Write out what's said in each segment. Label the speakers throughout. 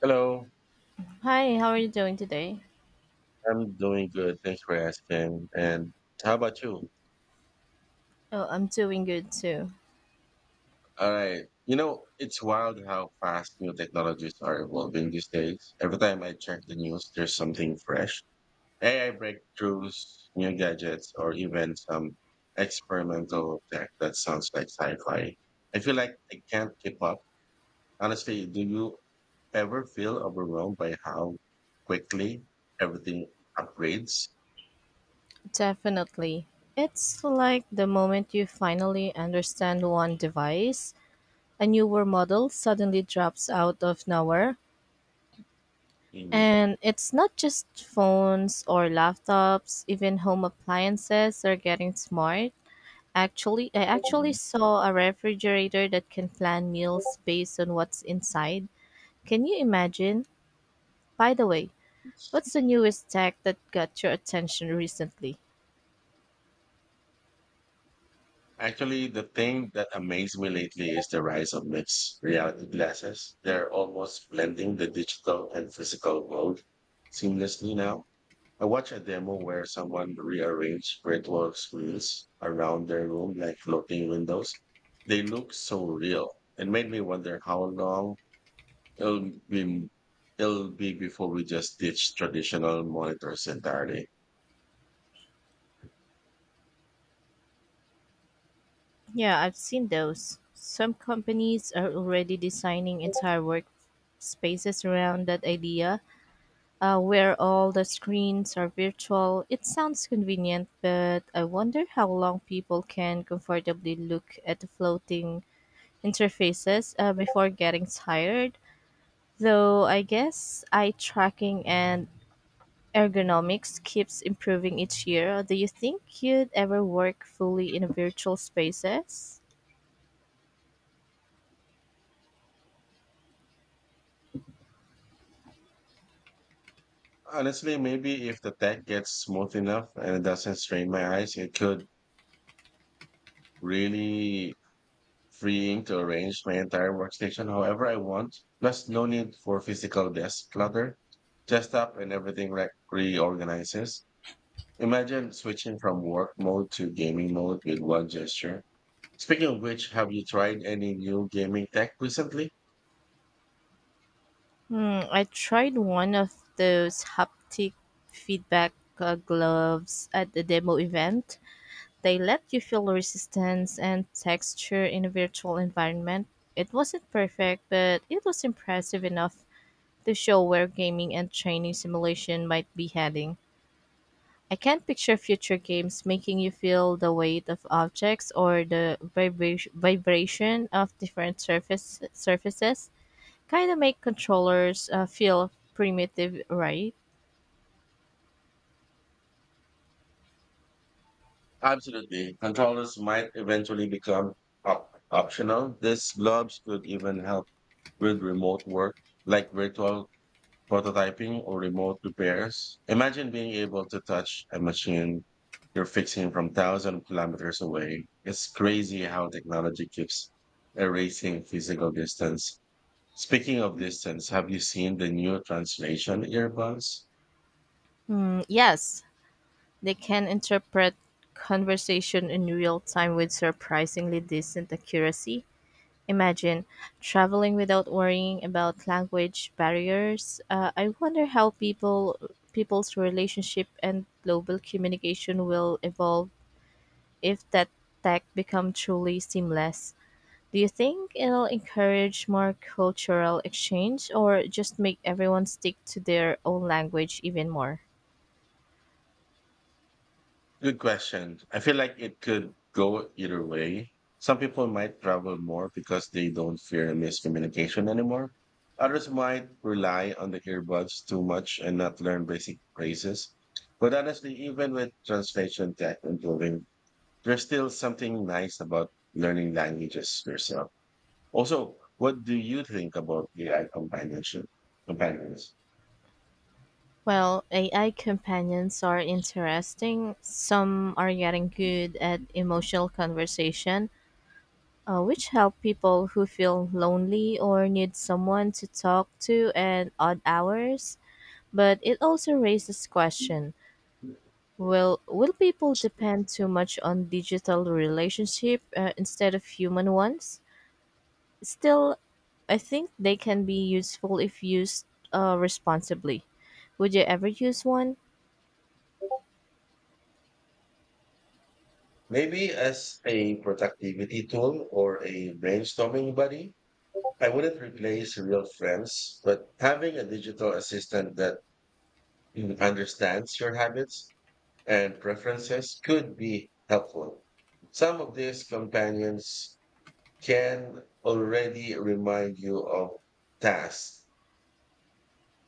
Speaker 1: Hello.
Speaker 2: Hi, how are you doing today?
Speaker 1: I'm doing good, thanks for asking. And how about you?
Speaker 2: Oh, I'm doing good too.
Speaker 1: All right. You know, it's wild how fast new technologies are evolving these days. Every time I check the news, there's something fresh. AI breakthroughs, new gadgets, or even some experimental tech that sounds like sci-fi. I feel like I can't keep up. Honestly, do you ever feel overwhelmed by how quickly everything upgrades?
Speaker 2: Definitely. It's like the moment you finally understand one device, a newer model suddenly drops out of nowhere.
Speaker 1: In
Speaker 2: And it's not just phones or laptops, even home appliances are getting smart. I actually saw a refrigerator that can plan meals based on what's inside. Can you imagine? By the way, what's the newest tech that got your attention recently?
Speaker 1: Actually, the thing that amazed me lately is the rise of mixed reality glasses. They're almost blending the digital and physical world seamlessly now. I watched a demo where someone rearranged virtual screens around their room like floating windows. They look so real and made me wonder how long it'll be, it'll be before we just ditch traditional monitors entirely.
Speaker 2: Yeah, I've seen those. Some companies are already designing entire workspaces around that idea, where all the screens are virtual. It sounds convenient, but I wonder how long people can comfortably look at the floating interfaces before getting tired. Though I guess eye tracking and ergonomics keeps improving each year, do you think you'd ever work fully in virtual spaces?
Speaker 1: Honestly, maybe if the tech gets smooth enough and it doesn't strain my eyes, it could really freeing to arrange my entire workstation however I want. Plus, no need for physical desk clutter. Just up and everything like reorganizes. Imagine switching from work mode to gaming mode with one gesture. Speaking of which, have you tried any new gaming tech recently?
Speaker 2: Hmm, I tried one of those haptic feedback gloves at the demo event. They let you feel resistance and texture in a virtual environment. It wasn't perfect, but it was impressive enough to show where gaming and training simulation might be heading. I can't picture future games making you feel the weight of objects or the vibration of different surfaces. Kind of make controllers feel primitive, right?
Speaker 1: Absolutely. Controllers might eventually become optional. These gloves could even help with remote work, like virtual prototyping or remote repairs. Imagine being able to touch a machine you're fixing from thousand kilometers away. It's crazy how technology keeps erasing physical distance. Speaking of distance, have you seen the new translation earbuds?
Speaker 2: Mm, yes, they can interpret conversation in real time with surprisingly decent accuracy. Imagine traveling without worrying about language barriers. I wonder how people's relationship and global communication will evolve if that tech become truly seamless. Do you think it'll encourage more cultural exchange or just make everyone stick to their own language even more?
Speaker 1: Good question. I feel like it could go either way. Some people might travel more because they don't fear miscommunication anymore. Others might rely on the earbuds too much and not learn basic phrases. But honestly, even with translation tech improving, there's still something nice about learning languages yourself. Also, what do you think about AI companionship? Companions?
Speaker 2: Well, AI companions are interesting. Some are getting good at emotional conversation, which help people who feel lonely or need someone to talk to at odd hours. But it also raises question. Will people depend too much on digital relationship instead of human ones? Still, I think they can be useful if used responsibly. Would you ever use one?
Speaker 1: Maybe as a productivity tool or a brainstorming buddy? I wouldn't replace real friends, but having a digital assistant that understands your habits and preferences could be helpful. Some of these companions can already remind you of tasks,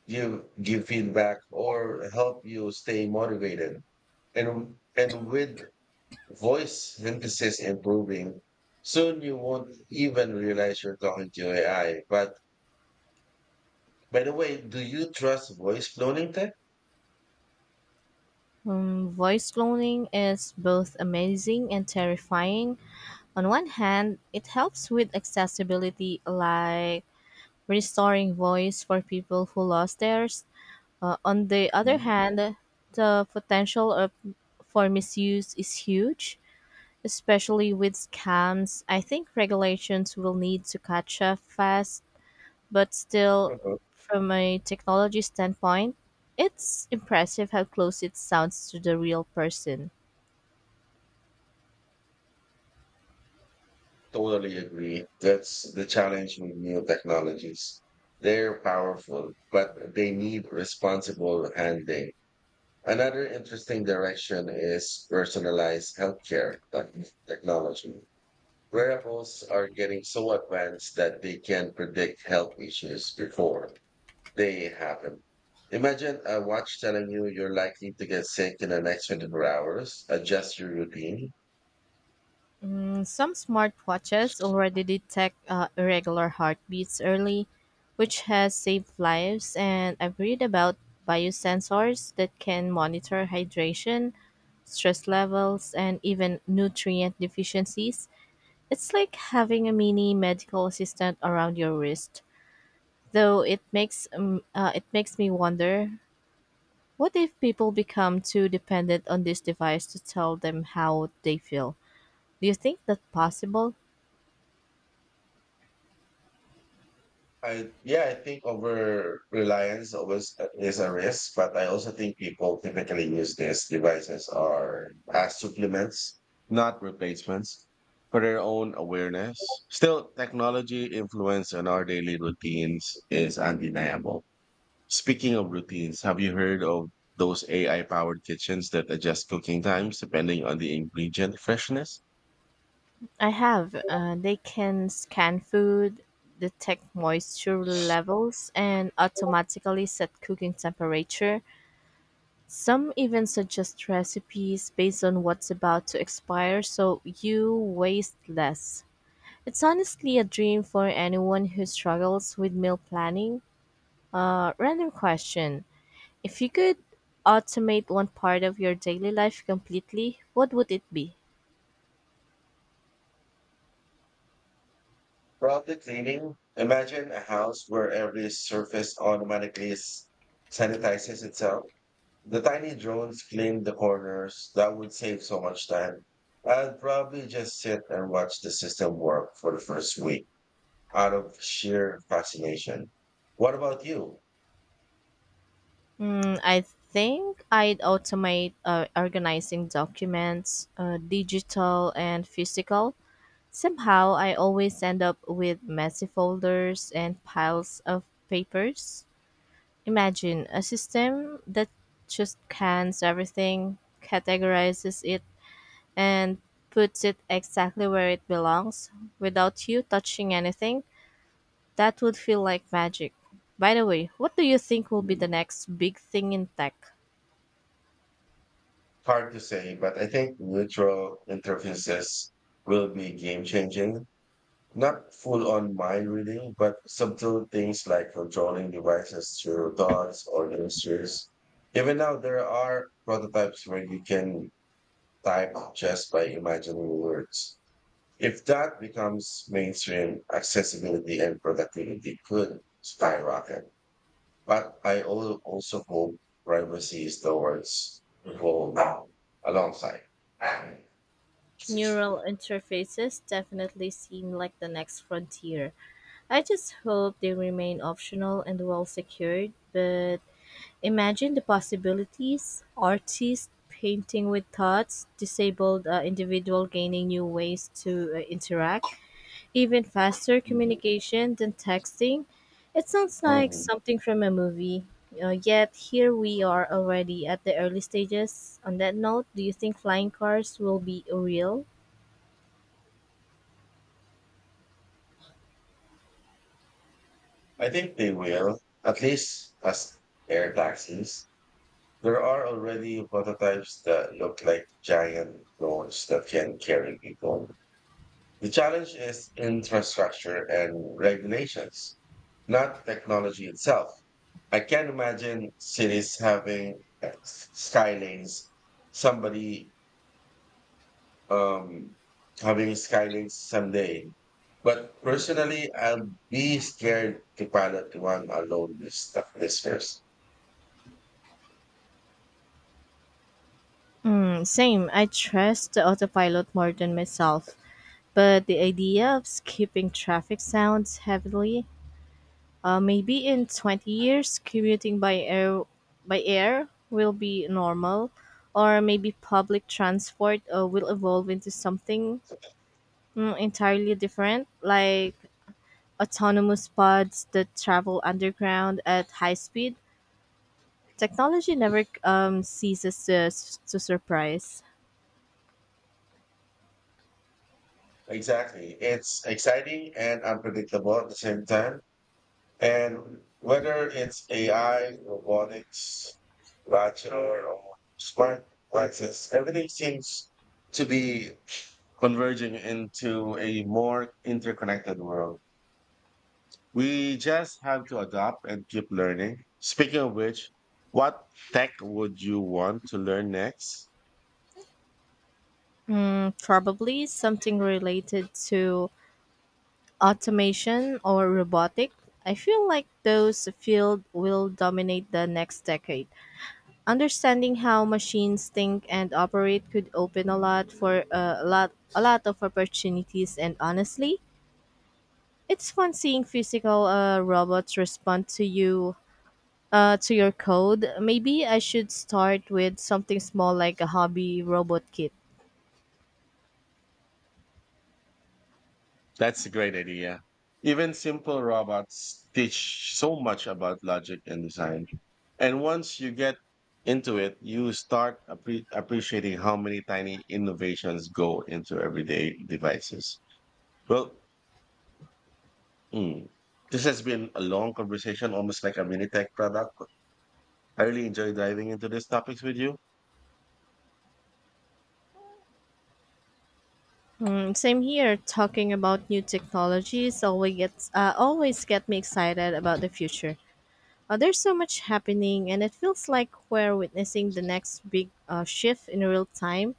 Speaker 1: give feedback, or help you stay motivated. And with voice synthesis improving, soon you won't even realize you're talking to AI, but by the way, do you trust voice cloning tech?
Speaker 2: Voice cloning is both amazing and terrifying. On one hand, it helps with accessibility, like restoring voice for people who lost theirs. On the other
Speaker 1: Mhm.
Speaker 2: hand, the potential of, for misuse is huge, especially with scams. I think regulations will need to catch up fast, but still,
Speaker 1: Uh,
Speaker 2: from a technology standpoint, it's impressive how close it sounds to the real person.
Speaker 1: Totally agree. That's the challenge with new technologies. They're powerful, but they need responsible handling. Another interesting direction is personalized technology. Wearables are getting so advanced that they can predict health issues before they happen. Imagine a watch telling you you're likely to get sick in the next 24 hours, adjust your routine.
Speaker 2: Mm, some smartwatches already detect irregular heartbeats early, which has saved lives, and I've read about biosensors that can monitor hydration, stress levels, and even nutrient deficiencies. It's like having a mini medical assistant around your wrist, though it makes me wonder, what if people become too dependent on this device to tell them how they feel? Do you think that's possible?
Speaker 1: I yeah, I think over reliance always is a risk, but I also think people typically use these devices are as supplements, not replacements, for their own awareness. Still, technology influence on our daily routines is undeniable. Speaking of routines, have you heard of those AI powered kitchens that adjust cooking times depending on the ingredient freshness?
Speaker 2: I have. They can scan food, detect moisture levels, and automatically set cooking temperature. Some even suggest recipes based on what's about to expire so you waste less. It's honestly a dream for anyone who struggles with meal planning. Random question. If you could automate one part of your daily life completely, what would it be?
Speaker 1: Probably cleaning. Imagine a house where every surface automatically sanitizes itself. The tiny drones clean the corners. That would save so much time. I'd probably just sit and watch the system work for the first week out of sheer fascination. What about you?
Speaker 2: Mm, I think I'd automate organizing documents, digital and physical. Somehow, I always end up with messy folders and piles of papers. Imagine a system that just cans everything, categorizes it and puts it exactly where it belongs without you touching anything. That would feel like magic. By the way, what do you think will be the next big thing in tech?
Speaker 1: Hard to say, but I think neutral interfaces will be game changing. Not full on mind reading, but subtle things like controlling devices through dots or gestures. Even now, there are prototypes where you can type just by imagining words. If that becomes mainstream, accessibility and productivity could skyrocket. But I also hope privacy is the words evolve alongside.
Speaker 2: Neural interfaces definitely seem like the next frontier. I just hope they remain optional and well secured, but imagine the possibilities: artists painting with thoughts, disabled individual gaining new ways to interact, even faster
Speaker 1: Mhm.
Speaker 2: communication than texting. It sounds like
Speaker 1: Mhm.
Speaker 2: something from a movie. Yet here we are already at the early stages. On that note, do you think flying cars will be real?
Speaker 1: I think they will, at least as air taxis. There are already prototypes that look like giant drones that can carry people. The challenge is infrastructure and regulations, not technology itself. I can't imagine cities having skylanes, somebody um, having skydiving someday. But personally, I'll be scared to pilot one alone this first.
Speaker 2: Mm, same. I trust the autopilot more than myself. But the idea of skipping traffic sounds heavily. Maybe in 20 years, commuting by air will be normal, or maybe public transport will evolve into something, mm, entirely different, like autonomous pods that travel underground at high speed. Technology never to surprise.
Speaker 1: Exactly. It's exciting and unpredictable at the same time. And whether it's AI, robotics, bachelor, or smart devices, everything seems to be converging into a more interconnected world. We just have to adapt and keep learning. Speaking of which, what tech would you want to learn next?
Speaker 2: Mm, probably something related to automation or robotic. I feel like those field will dominate the next decade. Understanding how machines think and operate could open a lot for a lot of opportunities, and honestly, it's fun seeing physical robots respond to you to your code. Maybe I should start with something small like a hobby robot kit.
Speaker 1: That's a great idea. Even simple robots teach so much about logic and design. And once you get into it, you start appreciating how many tiny innovations go into everyday devices. Well, mm, this has been a long conversation, almost like a mini tech product. I really enjoy diving into these topics with you.
Speaker 2: Hmm, same here. Talking about new technologies always get me excited about the future. There's so much happening, and it feels like we're witnessing the next big shift in real time.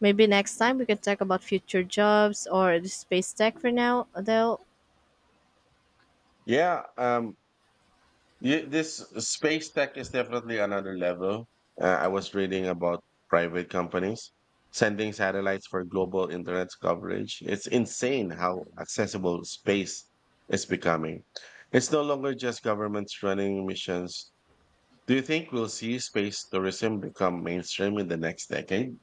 Speaker 2: Maybe next time we can talk about future jobs or the space tech. For now, though,
Speaker 1: Yeah, um, Yeah, this space tech is definitely another level. I was reading about private companies sending satellites for global internet coverage. It's insane how accessible space is becoming. It's no longer just governments running missions. Do you think we'll see space tourism become mainstream in the next decade?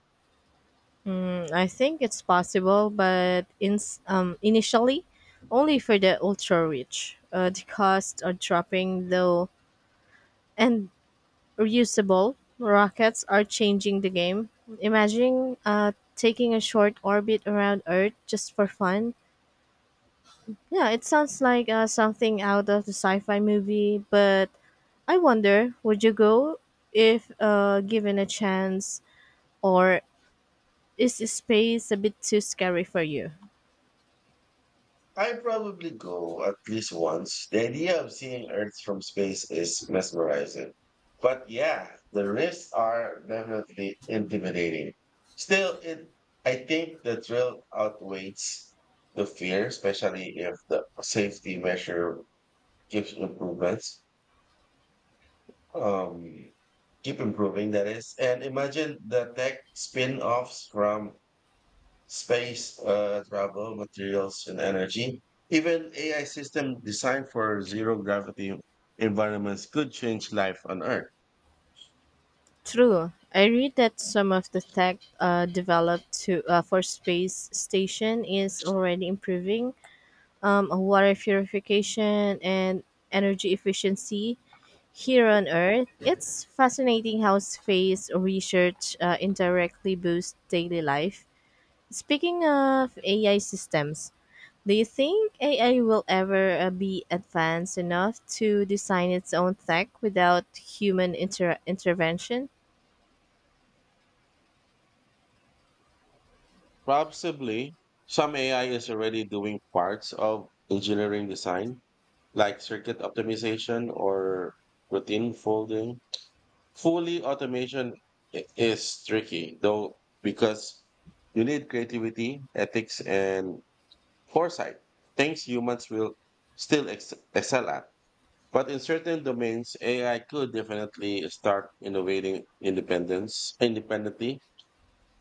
Speaker 2: I think it's possible, but initially only for the ultra rich. The costs are dropping though, and reusable rockets are changing the game. Imagine taking a short orbit around Earth just for fun. Yeah, it sounds like something out of the sci fi movie, but I wonder would you go if given a chance, or is space a bit too scary for you?
Speaker 1: I probably go at least once. The idea of seeing Earth from space is mesmerizing. But yeah, the risks are definitely intimidating. Still, it I think the thrill outweighs the fear, especially if the safety measure keeps improvements. Um, Keep improving, that is. And imagine the tech spin-offs from space travel, materials, and energy. Even AI systems designed for zero gravity environments could change life on Earth.
Speaker 2: True. I read that some of the tech developed to for space station is already improving water purification and energy efficiency here on Earth. It's fascinating how space research indirectly boosts daily life. Speaking of AI systems, do you think AI will ever be advanced enough to design its own tech without human intervention?
Speaker 1: Possibly, some AI is already doing parts of engineering design, like circuit optimization or routine folding. Fully automation is tricky, though, because you need creativity, ethics, and foresight. Things humans will still excel at. But in certain domains, AI could definitely start innovating independence independently.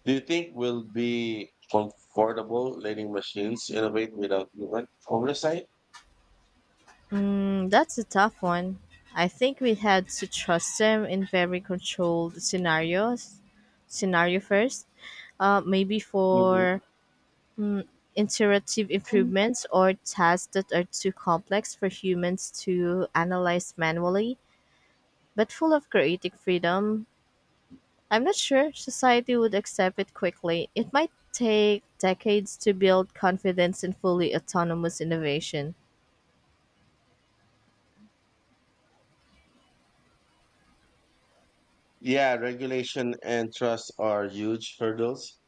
Speaker 1: Do you think we'll be comfortable letting machines innovate without human oversight?
Speaker 2: Mm, that's a tough one. I think we had to trust them in very controlled scenarios. Scenario first, maybe
Speaker 1: Hmm.
Speaker 2: for iterative improvements or tasks that are too complex for humans to analyze manually, but full of creative freedom. I'm not sure society would accept it quickly. It might take decades to build confidence in fully autonomous innovation.
Speaker 1: Yeah, regulation and trust are huge hurdles.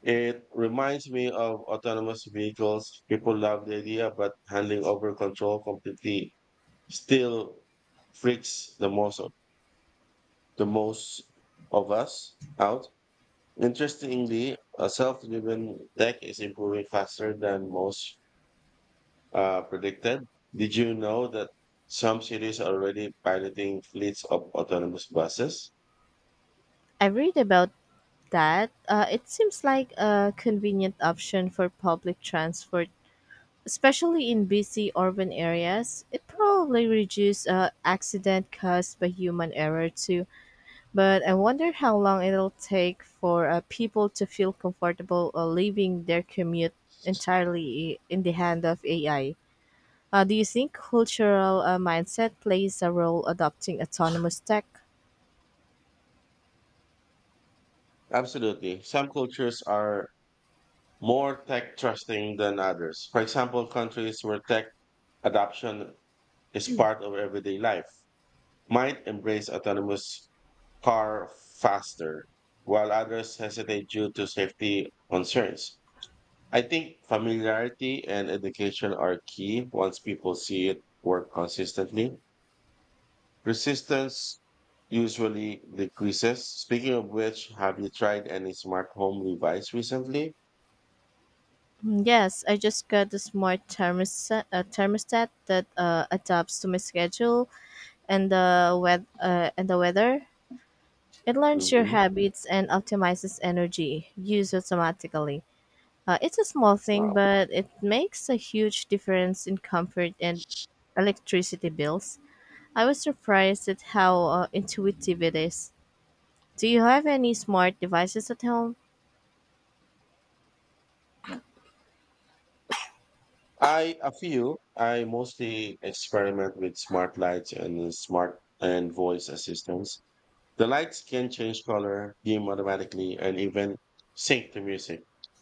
Speaker 1: It reminds me of autonomous vehicles. People love the idea, but handing over control completely still freaks the most of us out. Interestingly, a self-driven tech is improving faster than most predicted. Did you know that some cities are already piloting fleets of autonomous buses?
Speaker 2: I read about that. It seems like a convenient option for public transport, especially in busy urban areas. It probably reduces accident caused by human error too, but I wonder how long it'll take for people to feel comfortable leaving their commute entirely in the hand of AI. Do you think cultural mindset plays a role adopting autonomous tech?
Speaker 1: Absolutely. Some cultures are more tech trusting than others. For example, countries where tech adoption is part of everyday life might embrace autonomous car faster, while others hesitate due to safety concerns. I think familiarity and education are key once people see it work consistently. Resistance usually decreases. Speaking of which, have you tried any smart home device recently?
Speaker 2: Mm, yes, I just got a thermostat that adapts to my schedule and the weather. It learns your
Speaker 1: Hmm.
Speaker 2: habits and optimizes energy use automatically. It's a small thing,
Speaker 1: Wow.
Speaker 2: but it makes a huge difference in comfort and electricity bills. I was surprised at how intuitive it is. Do you have any smart devices at home?
Speaker 1: I a few. I mostly experiment with smart lights and smart and voice assistants. The lights can change color, dim automatically, and even sync to music.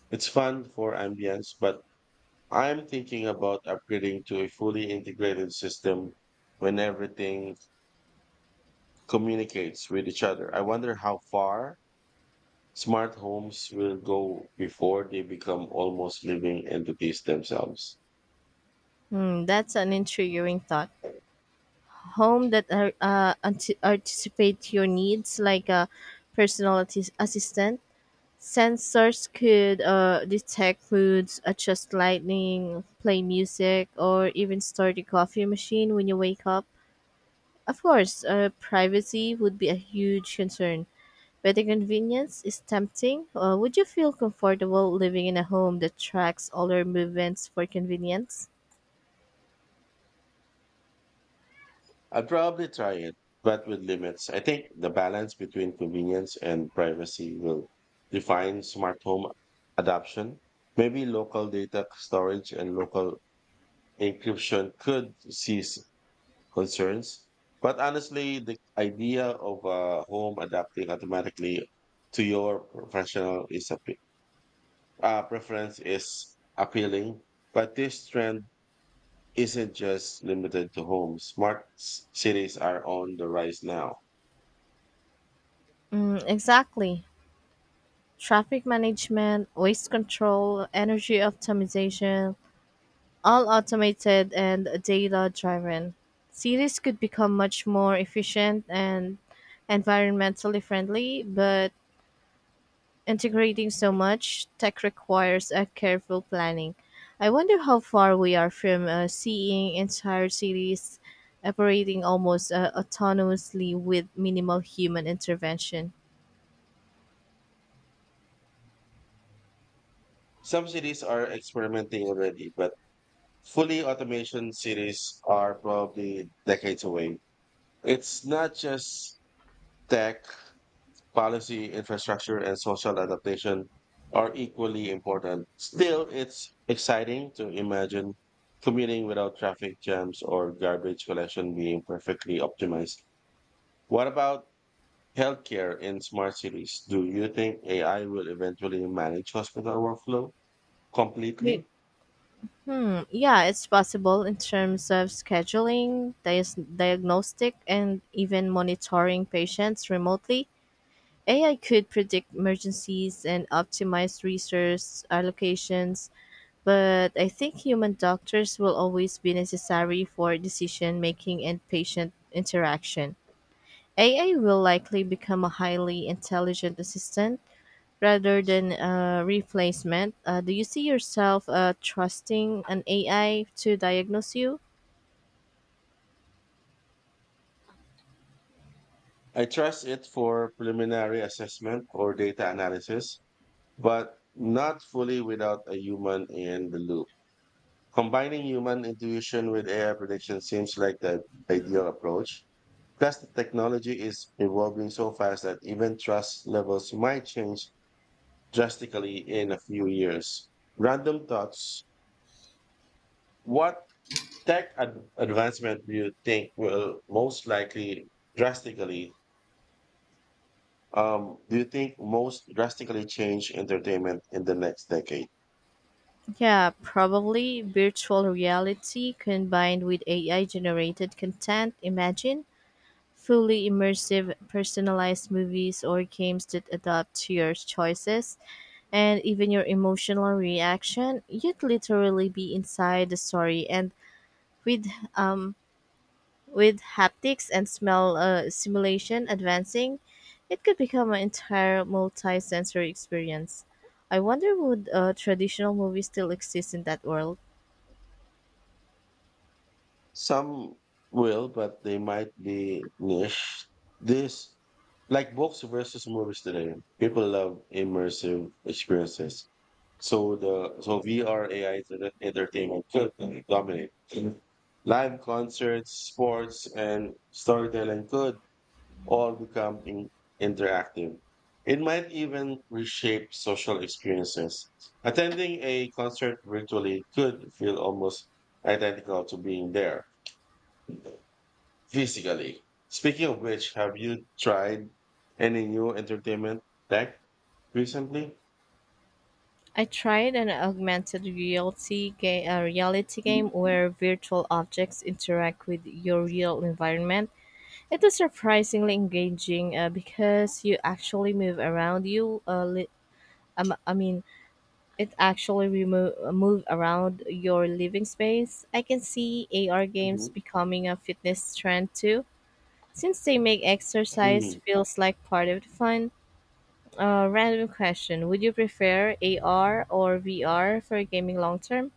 Speaker 1: It's fun for ambience, but I'm thinking about upgrading to a fully integrated system when everything communicates with each other. I wonder how far smart homes will go before they become almost living entities themselves.
Speaker 2: Hmm, that's an intriguing thought. Home that are, anticipate your needs, like a personal assistant. Sensors could detect moods, adjust lighting, play music, or even start your coffee machine when you wake up. Of course, privacy would be a huge concern, but the convenience is tempting. Would you feel comfortable living in a home that tracks all your movements for convenience?
Speaker 1: I'd probably try it, but with limits. I think the balance between convenience and privacy will define smart home adoption. Maybe local data storage and local encryption could cease concerns. But honestly, the idea of a home adapting automatically to your preference is appealing. But this trend isn't just limited to homes. Cities are on the rise now.
Speaker 2: Mm, exactly. Traffic management, waste control, energy optimization, all automated and data driven. Cities could become much more efficient and environmentally friendly, but integrating so much tech requires a careful planning. I wonder how far we are from seeing entire cities operating almost autonomously with minimal human intervention.
Speaker 1: Some cities are experimenting already, but fully automation cities are probably decades away. It's not just tech policy, infrastructure, and social adaptation are equally important. Still, it's exciting to imagine commuting without traffic jams or garbage collection being perfectly optimized. What about healthcare in smart cities? Do you think AI will eventually manage hospital workflow
Speaker 2: You,
Speaker 1: completely?
Speaker 2: Hmm, yeah, it's possible in terms of scheduling, dias diagnostic, and even monitoring patients remotely. AI could predict emergencies and optimize resource allocations, but I think human doctors will always be necessary for decision making and patient interaction. AI will likely become a highly intelligent assistant rather than a replacement. Do you see yourself trusting an AI to diagnose you?
Speaker 1: I trust it for preliminary assessment or data analysis, but not fully without a human in the loop. Combining human intuition with AI prediction seems like the ideal approach. Plus, the technology is evolving so fast that even trust levels might change drastically in a few years. Random thoughts. What advancement do you think will most likely drastically, do you think most drastically change entertainment in the next decade?
Speaker 2: Yeah, probably virtual reality combined with AI generated content. Imagine fully immersive, personalized movies or games that adapt to your choices and even your emotional reaction. You'd literally be inside the story and with um, with haptics and smell simulation advancing, it could become an entire multi-sensory experience. I wonder would traditional movies still exist in that world?
Speaker 1: Some will, but they might be niche. This, like books versus movies today, people love immersive experiences. So VR AI to the entertainment could dominate. Live concerts, sports, and storytelling could all become interactive. It might even reshape social experiences. Attending a concert virtually could feel almost identical to being there physically. Speaking of which, have you tried any new entertainment tech recently?
Speaker 2: I tried an augmented reality game where virtual objects interact with your real environment. It was surprisingly engaging because you actually move around you. I mean, it actually move around your living space. I can see AR games
Speaker 1: Mhm.
Speaker 2: becoming a fitness trend too, since they make exercise
Speaker 1: Mm.
Speaker 2: feels like part of the fun. Random question: would you prefer AR or VR for gaming long term?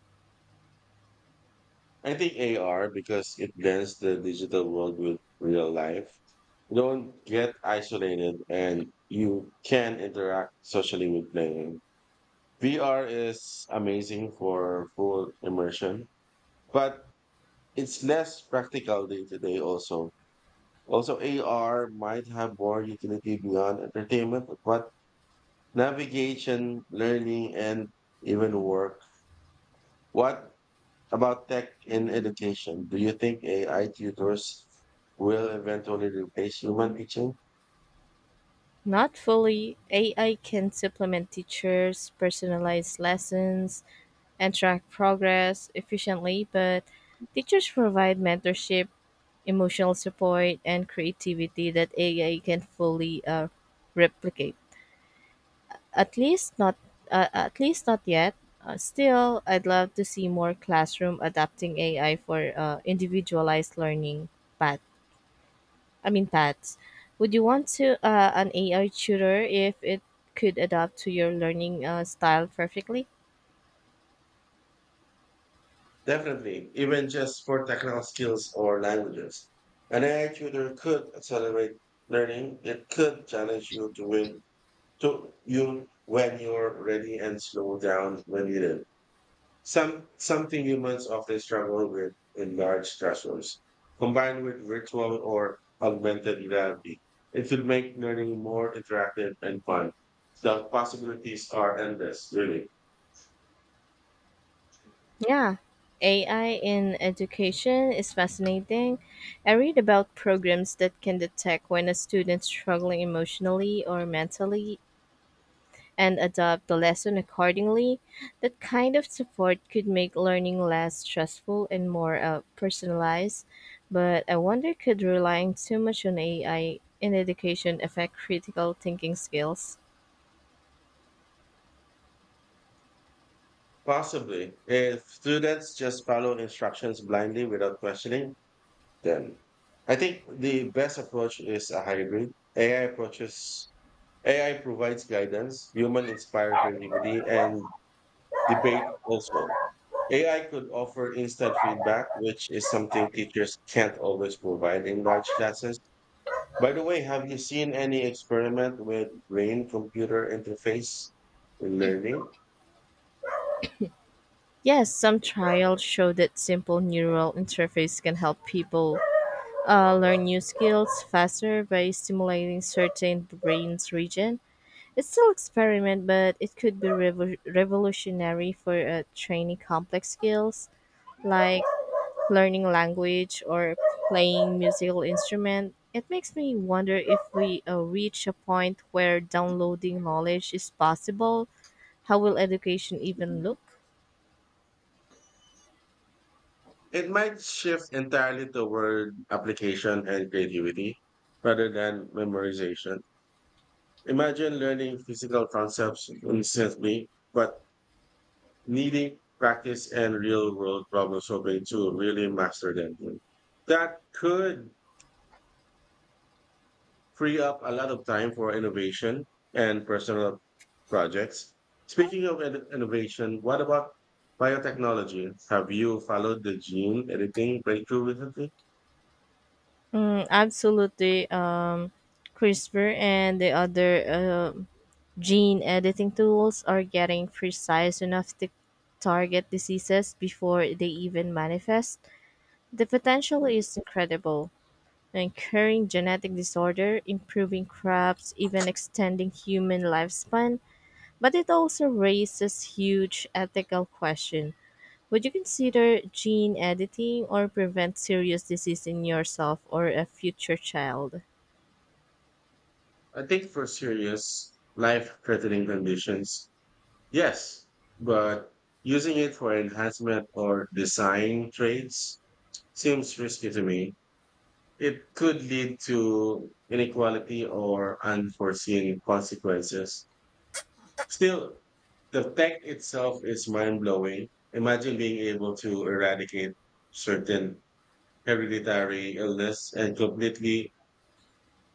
Speaker 1: I think AR because it blends the digital world with real life. Don't get isolated and you can interact socially with playing. VR is amazing for full immersion, but it's less practical day to day also. Also, AR might have more utility beyond entertainment, but navigation, learning, and even work. What about tech in education? Do you think AI tutors will eventually replace human teaching?
Speaker 2: Not fully. AI can supplement teachers, personalized lessons, and track progress efficiently, but teachers provide mentorship, emotional support, and creativity that AI can fully replicate. At least not at least not yet. Still, I'd love to see more classroom adapting AI for individualized learning path. Paths. Would you want to an AI tutor if it could adapt to your learning style perfectly?
Speaker 1: Definitely, even just for technical skills or languages. An AI tutor could accelerate learning. It could challenge you to you when you're ready and slow down when needed. Some something humans often struggle with in large classrooms. Combined with virtual or augmented reality, it would make learning more interactive and fun. The possibilities are endless, really.
Speaker 2: Yeah, AI in education is fascinating. I read about programs that can detect when a student's struggling emotionally or mentally and adapt the lesson accordingly. That kind of support could make learning less stressful and more personalized. But I wonder could relying too much on AI in education affect critical thinking skills?
Speaker 1: Possibly, if students just follow instructions blindly without questioning them. I think the best approach is a hybrid. AI approaches AI provides guidance, human inspired creativity, and debate also. AI could offer instant feedback, which is something teachers can't always provide in large classes. By the way, have you seen any experiment with brain computer interface in learning?
Speaker 2: Yes, some trials show that simple neural interface can help people learn new skills faster by stimulating certain brain's region. It's still experiment, but it could be revolutionary for training complex skills like learning language or playing musical instrument. It makes me wonder if we reach a point where downloading knowledge is possible. How will education even look?
Speaker 1: It might shift entirely toward application and creativity rather than memorization. Imagine learning physical concepts instantly, but needing practice and real world problem solving to really master them. That could free up a lot of time for innovation and personal projects. Speaking of innovation, what about biotechnology? Have you followed the gene editing breakthrough recently?
Speaker 2: Absolutely. CRISPR and the other gene editing tools are getting precise enough to target diseases before they even manifest. The potential is incredible, and curing genetic disorder, improving crops, even extending human lifespan, but it also raises huge ethical question. Would you consider gene editing or prevent serious disease in yourself or a future child?
Speaker 1: I think for serious life threatening conditions, yes, but using it for enhancement or design traits seems risky to me. It could lead to inequality or unforeseen consequences. Still, the tech itself is mind blowing. Imagine being able to eradicate certain hereditary illness and completely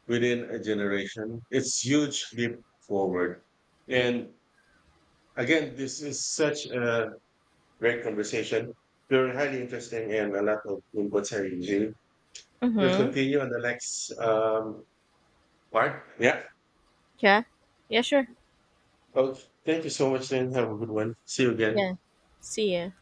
Speaker 1: within a generation. It's huge leap forward. And again, this is such a great conversation. Very highly interesting and a lot of inputs are using. We'll
Speaker 2: Mm-hmm.
Speaker 1: continue on the next part. Yeah.
Speaker 2: Yeah. Yeah, sure.
Speaker 1: Okay, thank you so much, and have a good one. See you again.
Speaker 2: Yeah. See ya.